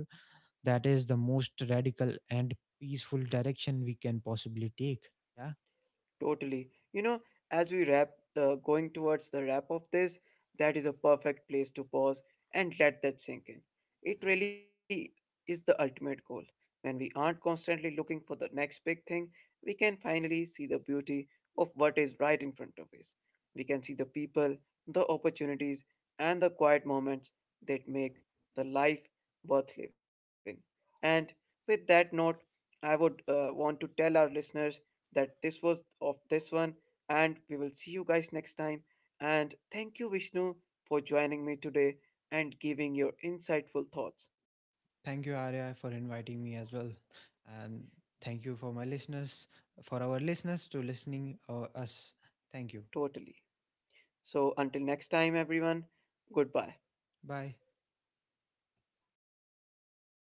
[SPEAKER 2] that is the most radical and peaceful direction we can possibly take. Yeah.
[SPEAKER 1] Totally. You know, as we wrap, uh, going towards the wrap of this, that is a perfect place to pause and let that sink in. It really is the ultimate goal. When we aren't constantly looking for the next big thing, we can finally see the beauty of what is right in front of us. We can see the people, the opportunities, and the quiet moments that make the life worth living. And with that note, I would uh, want to tell our listeners that this was of this one, and we will see you guys next time. And thank you, Vishnu, for joining me today and giving your insightful thoughts.
[SPEAKER 2] Thank you, Arya, for inviting me as well. And thank you for my listeners, for our listeners to listening uh, us. Thank you.
[SPEAKER 1] Totally. So until next time everyone, goodbye.
[SPEAKER 2] Bye.